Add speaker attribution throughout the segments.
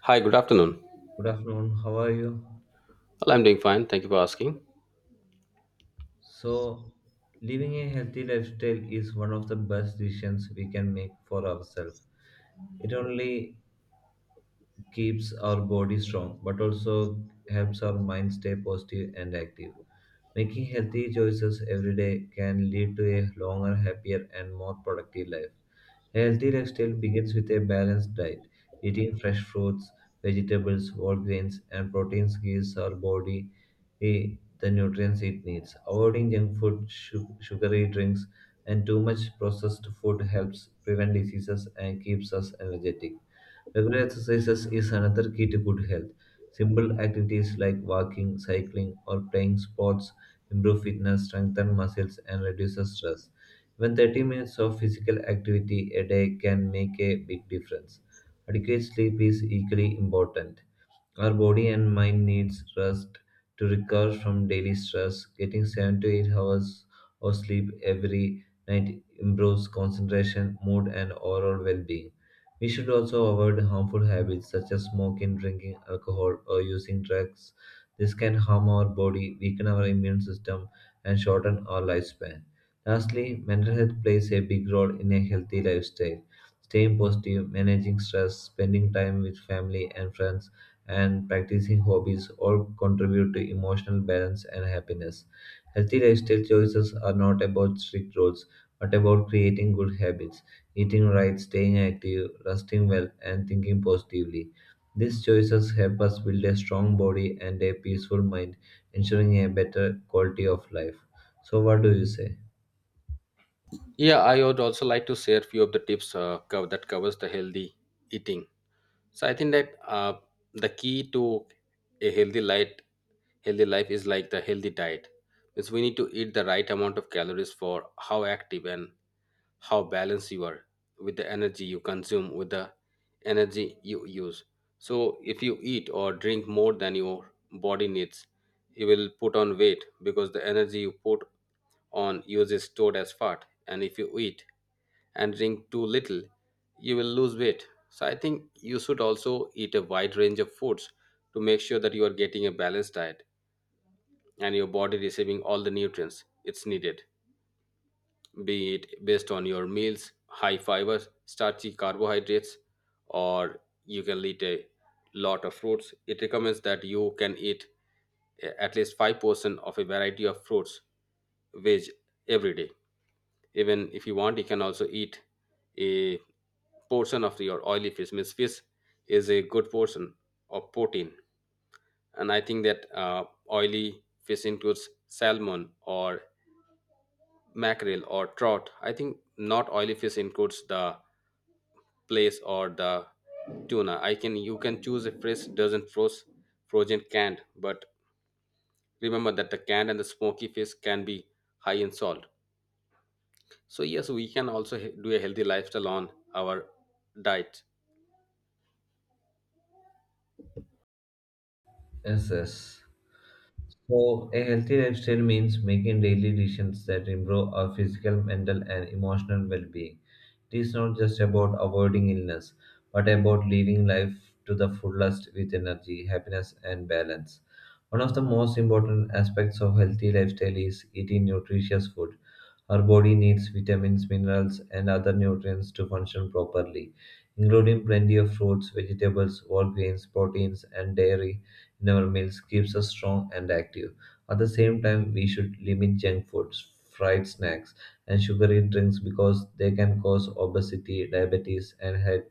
Speaker 1: Hi, good afternoon.
Speaker 2: Good afternoon, how are you?
Speaker 1: Well, I'm doing fine. Thank you for asking.
Speaker 2: So, living a healthy lifestyle is one of the best decisions we can make for ourselves. It only keeps our body strong but also helps our mind stay positive and active. Making healthy choices every day can lead to a longer, happier, and more productive life. Healthy lifestyle begins with a balanced diet. Eating fresh fruits, vegetables, whole grains, and proteins gives our body eh, the nutrients it needs. Avoiding junk food, sugary drinks, and too much processed food helps prevent diseases and keeps us energetic. Regular exercises is another key to good health. Simple activities like walking, cycling, or playing sports improve fitness, strengthen muscles, and reduce stress. Even 30 minutes of physical activity a day can make a big difference. Adequate sleep is equally important. Our body and mind needs rest to recover from daily stress. Getting 7 to 8 hours of sleep every night improves concentration, mood, and overall well being. We should also avoid harmful habits such as smoking, drinking alcohol, or using drugs. This can harm our body, weaken our immune system, and shorten our lifespan. Lastly, mental health plays a big role in a healthy lifestyle, staying positive, managing stress, spending time with family and friends, and practicing hobbies all contribute to emotional balance and happiness. Healthy lifestyle choices are not about strict rules, but about creating good habits, eating right, staying active, resting well, and thinking positively. These choices help us build a strong body and a peaceful mind, ensuring a better quality of life. So, what do you say?
Speaker 1: Yeah, I would also like to share a few of the tips that covers the healthy eating. So I think that the key to a healthy life is like the healthy diet. Means we need to eat the right amount of calories for how active and how balanced you are with the energy you consume, with the energy you use. So if you eat or drink more than your body needs, you will put on weight because the energy you put on uses stored as fat. And if you eat and drink too little, you will lose weight. So I think you should also eat a wide range of foods to make sure that you are getting a balanced diet and your body receiving all the nutrients it's needed, be it based on your meals, high fibers, starchy carbohydrates, or you can eat a lot of fruits. It recommends that you can eat at least 5% of a variety of fruits, veg, every day. Even if you want, you can also eat a portion of your oily fish. Means fish is a good portion of protein, and I think that oily fish includes salmon or mackerel or trout. I think not oily fish includes the place or the tuna. I can you can choose a fish doesn't frozen canned, but remember that the canned and the smoky fish can be high in salt. So yes, we can also do a healthy lifestyle on our diet.
Speaker 2: Yes, yes. So, a healthy lifestyle means making daily decisions that improve our physical, mental, and emotional well being. It is not just about avoiding illness, but about living life to the fullest with energy, happiness, and balance. One of the most important aspects of healthy lifestyle is eating nutritious food. Our body needs vitamins, minerals, and other nutrients to function properly, including plenty of fruits, vegetables, whole grains, proteins, and dairy in our meals keeps us strong and active. At the same time, we should limit junk foods, fried snacks, and sugary drinks because they can cause obesity, diabetes, and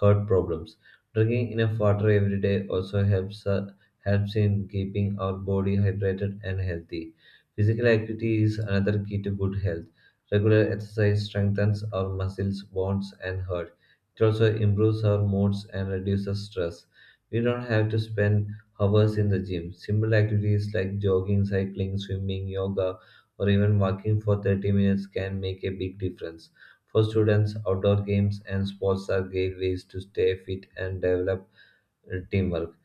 Speaker 2: heart problems. Drinking enough water every day also helps, helps in keeping our body hydrated and healthy. Physical activity is another key to good health. Regular exercise strengthens our muscles, bones, and heart. It also improves our moods and reduces stress. We don't have to spend hours in the gym. Simple activities like jogging, cycling, swimming, yoga, or even walking for 30 minutes can make a big difference. For students, outdoor games and sports are great ways to stay fit and develop teamwork.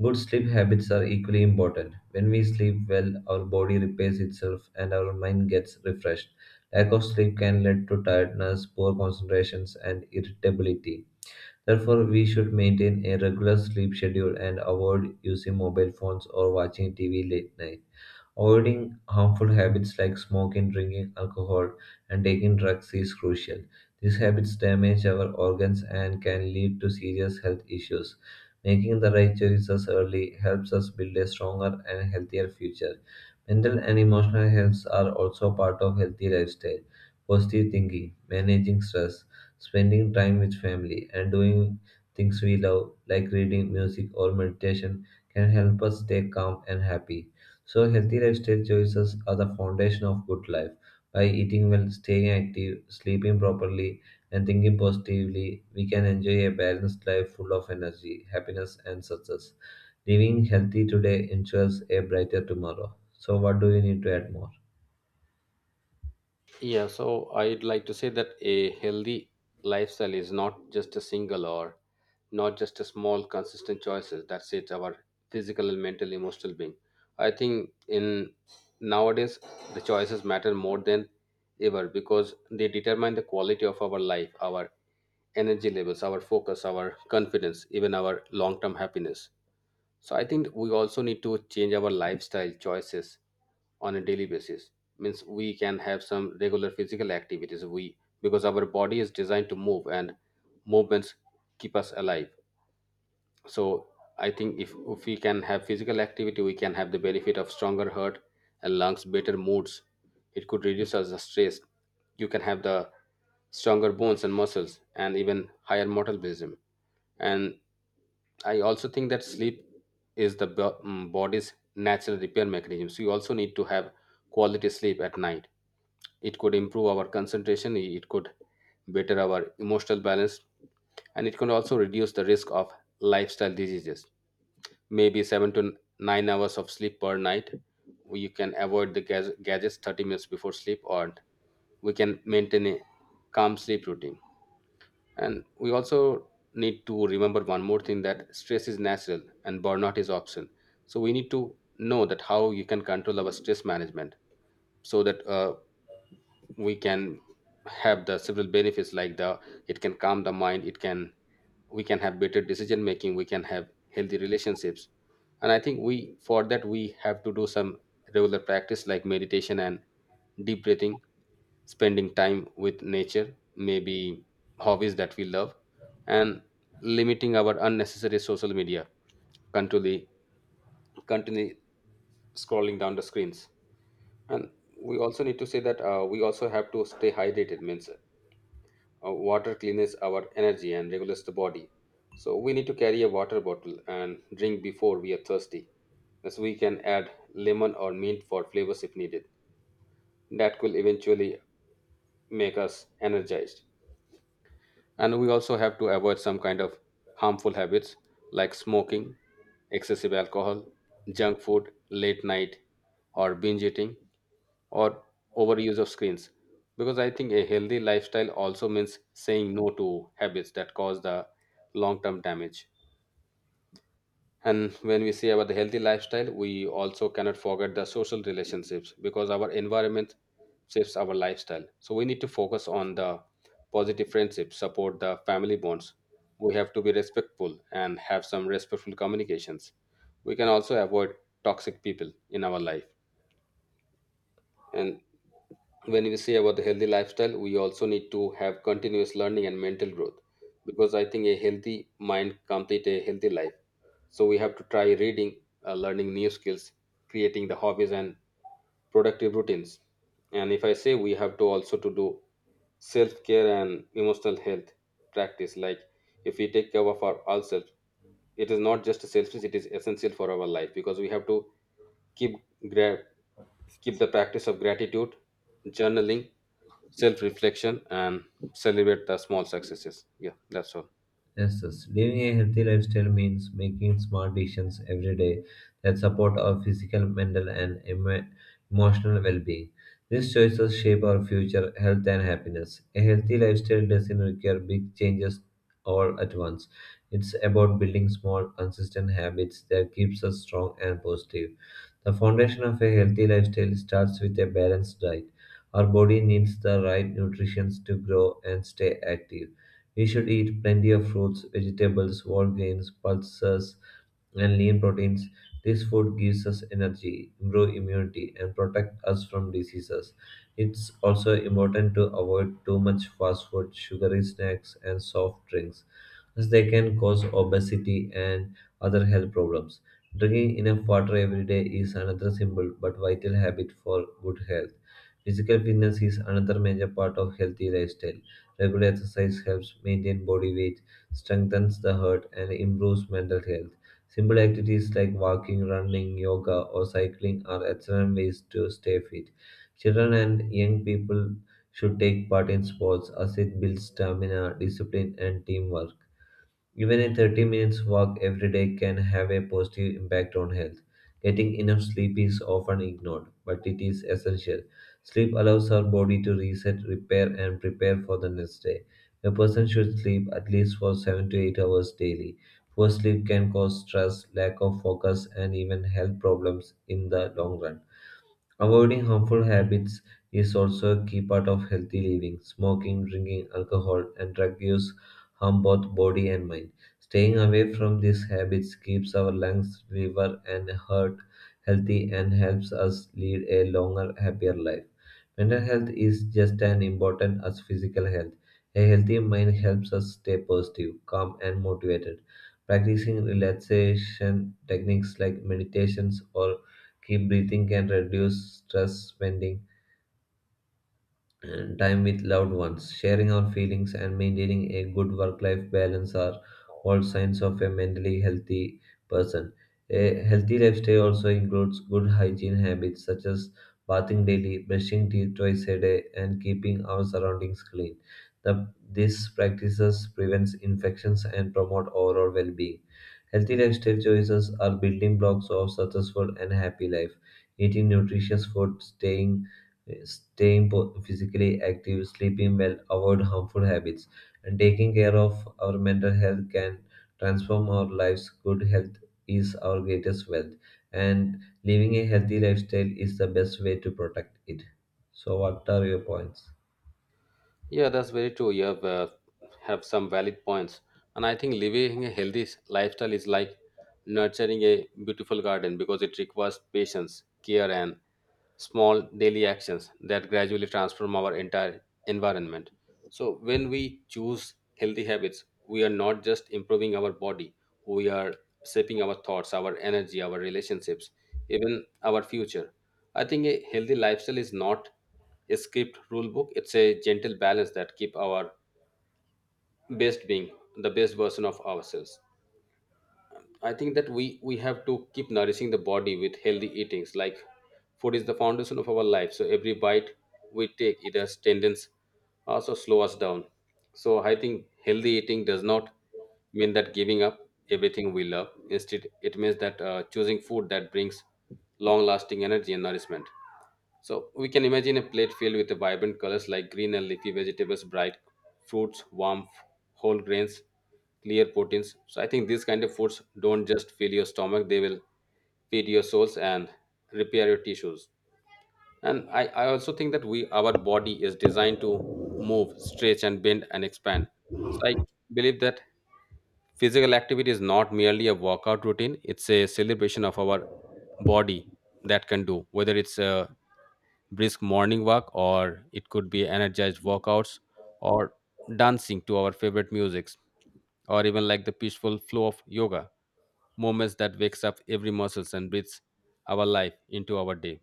Speaker 2: Good sleep habits are equally important. When we sleep well, our body repairs itself and our mind gets refreshed. Lack of sleep can lead to tiredness, poor concentrations, and irritability. Therefore, we should maintain a regular sleep schedule and avoid using mobile phones or watching TV late night. Avoiding harmful habits like smoking, drinking alcohol, and taking drugs is crucial. These habits damage our organs and can lead to serious health issues. Making the right choices early helps us build a stronger and healthier future. Mental and emotional health are also part of healthy lifestyle. Positive thinking, managing stress, spending time with family, and doing things we love like reading, music, or meditation can help us stay calm and happy. So, healthy lifestyle choices are the foundation of good life. By eating well, staying active, sleeping properly, and thinking positively, we can enjoy a balanced life full of energy, happiness, and success. Living healthy today ensures a brighter tomorrow. So, what do you need to add more?
Speaker 1: Yeah, so I'd like to say that a healthy lifestyle is not just a single, or not just a small consistent choices. That's it, our physical and mental, emotional being. I think in nowadays the choices matter more than ever because they determine the quality of our life, our energy levels, our focus, our confidence, even our long-term happiness. So I think we also need to change our lifestyle choices on a daily basis. Means we can have some regular physical activities. We, because our body is designed to move and movements keep us alive. So I think if we can have physical activity, we can have the benefit of stronger heart and lungs, better moods. It could reduce us the stress. You can have the stronger bones and muscles and even higher metabolism. And I also think that sleep is the body's natural repair mechanism. So you also need to have quality sleep at night. It could improve our concentration, it could better our emotional balance, and it can also reduce the risk of lifestyle diseases. Maybe 7 to 9 hours of sleep per night. You can avoid the gadgets 30 minutes before sleep, or we can maintain a calm sleep routine. And we also need to remember one more thing, that stress is natural and burnout is optional. So we need to know that how you can control our stress management, so that we can have the several benefits, like the it can calm the mind, it can we can have better decision making, we can have healthy relationships. And I think we, for that we have to do some regular practice like meditation and deep breathing, spending time with nature, maybe hobbies that we love, and limiting our unnecessary social media, continually, continually scrolling down the screens. And we also need to say that we also have to stay hydrated, means water cleans our energy and regulates the body. So we need to carry a water bottle and drink before we are thirsty. Thus, we can add lemon or mint for flavors if needed. That will eventually make us energized. And we also have to avoid some kind of harmful habits like smoking, excessive alcohol, junk food, late night, or binge eating, or overuse of screens. Because I think a healthy lifestyle also means saying no to habits that cause the long term damage. And when we say about the healthy lifestyle, we also cannot forget the social relationships because our environment shapes our lifestyle. So we need to focus on the positive friendships, support the family bonds. We have to be respectful and have some respectful communications. We can also avoid toxic people in our life. And when we say about the healthy lifestyle, we also need to have continuous learning and mental growth, because I think a healthy mind complete a healthy life. So we have to try reading, learning new skills, creating the hobbies and productive routines. And if I say, we have to also to do self care and emotional health practice, like if we take care of our ourselves, it is not just selfish, it is essential for our life. Because we have to keep gra- keep the practice of gratitude, journaling, self reflection, and celebrate the small successes. Yeah, that's all.
Speaker 2: Yes, yes. Living a healthy lifestyle means making smart decisions every day that support our physical, mental, and emotional well being. These choices shape our future health and happiness. A healthy lifestyle doesn't require big changes all at once. It's about building small, consistent habits that keeps us strong and positive. The foundation of a healthy lifestyle starts with a balanced diet. Our body needs the right nutrition to grow and stay active. We should eat plenty of fruits, vegetables, whole grains, pulses, and lean proteins. This food gives us energy, improve immunity, and protect us from diseases. It's also important to avoid too much fast food, sugary snacks, and soft drinks, as they can cause obesity and other health problems. Drinking enough water every day is another simple but vital habit for good health. Physical fitness is another major part of healthy lifestyle. Regular exercise helps maintain body weight, strengthens the heart, and improves mental health. Simple activities like walking, running, yoga, or cycling are excellent ways to stay fit. Children and young people should take part in sports as it builds stamina, discipline, and teamwork. Even a 30 minutes walk every day can have a positive impact on health. Getting enough sleep is often ignored, but it is essential. Sleep allows our body to reset, repair, and prepare for the next day. A person should sleep at least for 7 to 8 hours daily. Poor sleep can cause stress, lack of focus, and even health problems in the long run. Avoiding harmful habits is also a key part of healthy living. Smoking, drinking, alcohol, and drug use harm both body and mind. Staying away from these habits keeps our lungs, liver, and heart healthy and helps us lead a longer, happier life. Mental health is just as important as physical health. A healthy mind helps us stay positive, calm, and motivated. Practicing relaxation techniques like meditations or keep breathing can reduce stress, spending and time with loved ones, sharing our feelings, and maintaining a good work life balance are all signs of a mentally healthy person. A healthy lifestyle also includes good hygiene habits such as bathing daily, brushing teeth twice a day, and keeping our surroundings clean. These practices prevents infections and promote overall well-being. Healthy lifestyle choices are building blocks of successful and happy life. Eating nutritious food, physically active, sleeping well, avoid harmful habits, and taking care of our mental health can transform our lives. Good health is our greatest wealth, and living a healthy lifestyle is the best way to protect it. So, what are your points?
Speaker 1: Yeah, that's very true. You have some valid points. And I think living a lifestyle is like nurturing a beautiful garden, because it requires patience, care, and small daily actions that gradually transform our entire environment. So, when we choose healthy habits, we are not just improving our body, we are shaping our thoughts, our energy, our relationships, even our future. I think a healthy lifestyle is not a script rule book, it's a gentle balance that keep our best being the best version of ourselves. I think that we have to keep nourishing the body with healthy eatings. Like food is the foundation of our life, so every bite we take, it has tendons also slow us down. So I think healthy eating does not mean that giving up everything we love. Instead, it means that choosing food that brings long-lasting energy and nourishment. So we can imagine a plate filled with vibrant colors like green and leafy vegetables, bright fruits, warm whole grains, clear proteins. So I think these kind of foods don't just fill your stomach; they will feed your souls and repair your tissues. And I also think that we our body is designed to move, stretch, and bend and expand. So I believe that physical activity is not merely a workout routine; it's a celebration of our body that can do, whether it's a brisk morning walk, or it could be energized workouts, or dancing to our favorite musics, or even like the peaceful flow of yoga moments that wakes up every muscles and breathes our life into our day.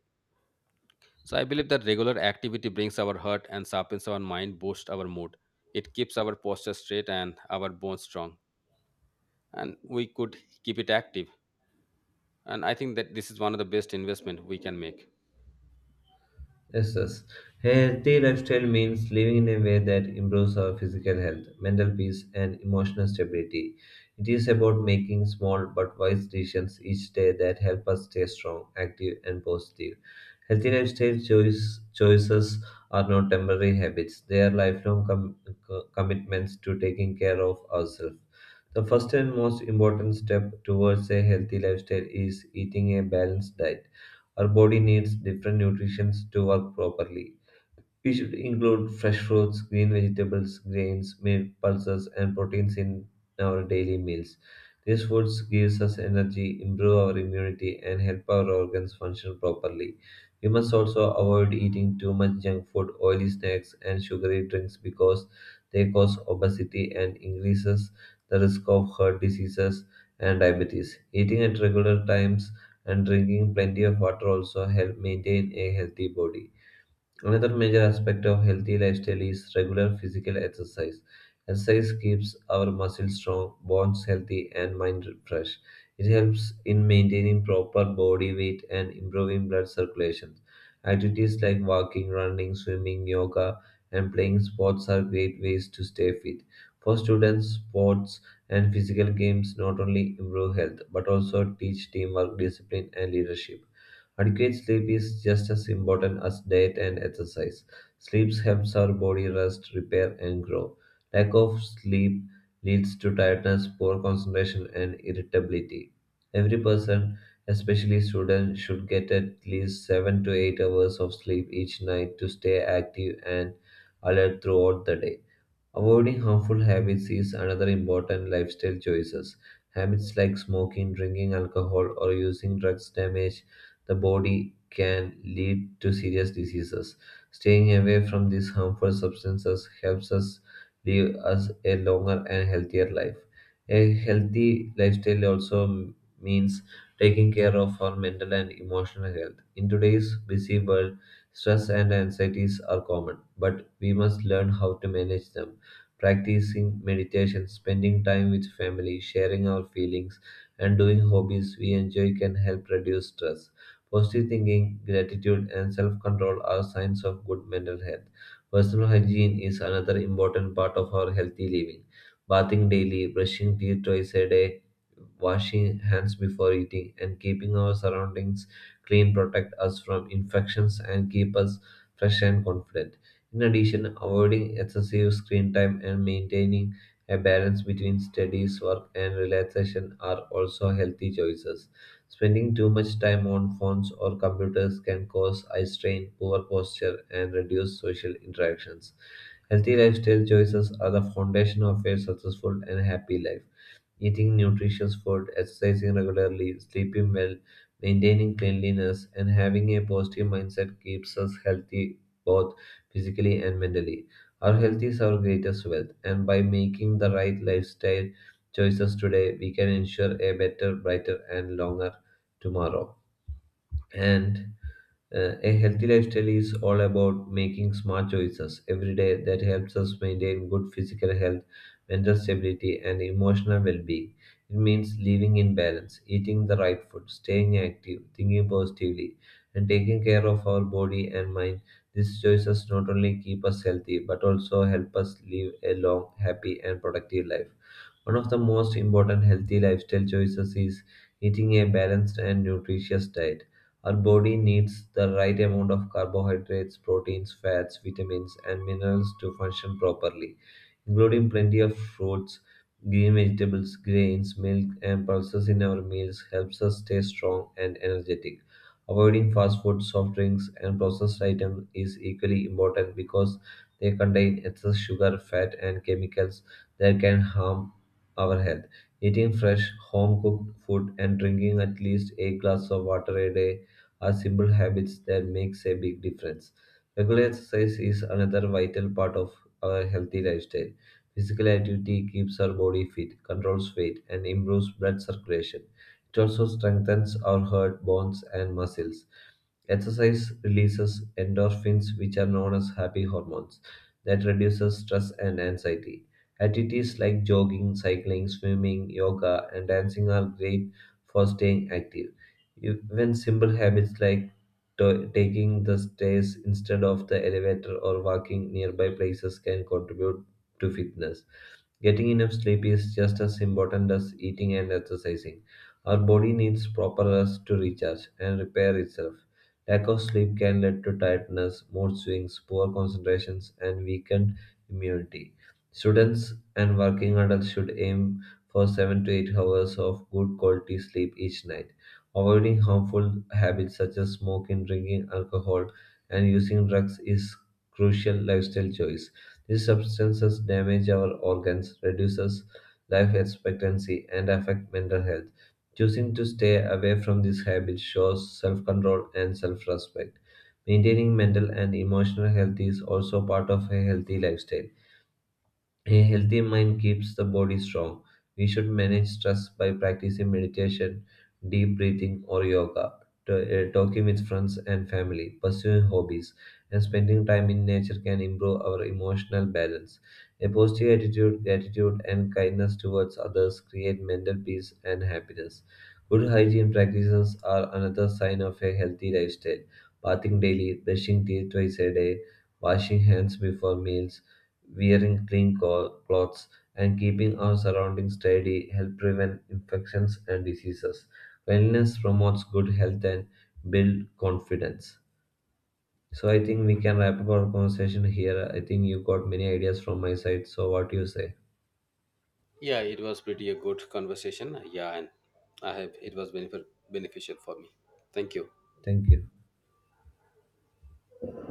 Speaker 1: So I believe that regular activity brings our heart and sharpens our mind, boosts our mood. It keeps our posture straight and our bones strong, and we could keep it active. And I think that this is one of the best investment we can make.
Speaker 2: Yes, yes. Healthy lifestyle means living in a way that improves our physical health, mental peace, and emotional stability. It is about making small but wise decisions each day that help us stay strong, active, and positive. Healthy lifestyle choices are not temporary habits, they are lifelong commitments to taking care of ourselves. The first and most important step towards a healthy lifestyle is eating a balanced diet. Our body needs different nutrition to work properly. We should include fresh fruits, green vegetables, grains, milk, pulses, and proteins in our daily meals. These foods gives us energy, improve our immunity, and help our organs function properly. We must also avoid eating too much junk food, oily snacks, and sugary drinks because they cause obesity and increases the risk of heart diseases and diabetes. Eating at regular times and drinking plenty of water also help maintain a healthy body. Another major aspect of healthy lifestyle is regular physical exercise. Exercise keeps our muscles strong, bones healthy, and mind fresh. It helps in maintaining proper body weight and improving blood circulation. Activities like walking, running, swimming, yoga, and playing sports are great ways to stay fit. For students, sports and physical games not only improve health but also teach teamwork, discipline, and leadership. Adequate sleep is just as important as diet and exercise. Sleep helps our body rest, repair, and grow. Lack of sleep leads to tiredness, poor concentration, and irritability. Every person, especially students, should get at least 7 to 8 hours of sleep each night to stay active and alert throughout the day. Avoiding harmful habits is another important lifestyle choices. Habits like smoking, drinking alcohol, or using drugs damage the body can lead to serious diseases. Staying away from these harmful substances helps us live us a longer and healthier life. A healthy lifestyle also means taking care of our mental and emotional health. In today's busy world, stress and anxieties are common, but we must learn how to manage them, practicing meditation, spending time with family, sharing our feelings, and doing hobbies we enjoy can help reduce stress. Positive thinking, gratitude, and self control are signs of good mental health. Personal hygiene is another important part of our healthy living. Bathing daily, brushing teeth twice a day, washing hands before eating, and keeping our surroundings clean protect us from infections and keep us fresh and confident. In addition, avoiding excessive screen time and maintaining a balance between studies, work, and relaxation are also healthy choices. Spending too much time on phones or computers can cause eye strain, poor posture, and reduce social interactions. Healthy lifestyle choices are the foundation of a successful and happy life. Eating nutritious food, exercising regularly, sleeping well, maintaining cleanliness, and having a positive mindset keeps us healthy both physically and mentally. Our health is our greatest wealth, and by making the right lifestyle choices today, we can ensure a better, brighter, and longer tomorrow. And A healthy lifestyle is all about making smart choices every day that helps us maintain good physical health, mental stability, and emotional well being. It means living in balance, eating the right food, staying active, thinking positively, and taking care of our body and mind. These choices not only keep us healthy but also help us live a long, happy, and productive life. One of the most important healthy lifestyle choices is eating a balanced and nutritious diet. Our body needs the right amount of carbohydrates, proteins, fats, vitamins, and minerals to function properly, including plenty of fruits, green vegetables, grains, milk, and pulses in our meals helps us stay strong and energetic. Avoiding fast food, soft drinks, and processed items is equally important because they contain excess sugar, fat, and chemicals that can harm our health. Eating fresh, home cooked food and drinking at least a glass of water a day are simple habits that makes a big difference. Regular exercise is another vital part of our healthy lifestyle. Physical activity keeps our body fit, controls weight, and improves blood circulation. It also strengthens our heart, bones, and muscles. Exercise releases endorphins, which are known as happy hormones, that reduces stress and anxiety. Activities like jogging, cycling, swimming, yoga, and dancing are great for staying active. Even simple habits like taking the stairs instead of the elevator or walking nearby places can contribute to fitness. Getting enough sleep is just as important as eating and exercising. Our body needs proper rest to recharge and repair itself. Lack of sleep can lead to tiredness, mood swings, poor concentrations, and weakened immunity. Students and working adults should aim for 7 to 8 hours of good quality sleep each night. Avoiding harmful habits such as smoking, drinking alcohol, and using drugs is crucial lifestyle choice. These substances damage our organs, reduces life expectancy, and affect mental health. Choosing to stay away from these habits shows self-control and self-respect. Maintaining mental and emotional health is also part of a healthy lifestyle. A healthy mind keeps the body strong. We should manage stress by practicing meditation, deep breathing, or yoga, to- talking with friends and family, pursuing hobbies, and spending time in nature can improve our emotional balance. A positive attitude, gratitude, and kindness towards others create mental peace and happiness. Good hygiene practices are another sign of a healthy lifestyle. Bathing daily, brushing teeth twice a day, washing hands before meals, wearing clothes, and keeping our surroundings tidy help prevent infections and diseases. Cleanliness promotes good health and build confidence. So I think we can wrap up our conversation here. I think you got many ideas from my side. So what do you say?
Speaker 1: Yeah, it was pretty a good conversation. Yeah, and I have it was benefit beneficial for me. Thank you.
Speaker 2: Thank you.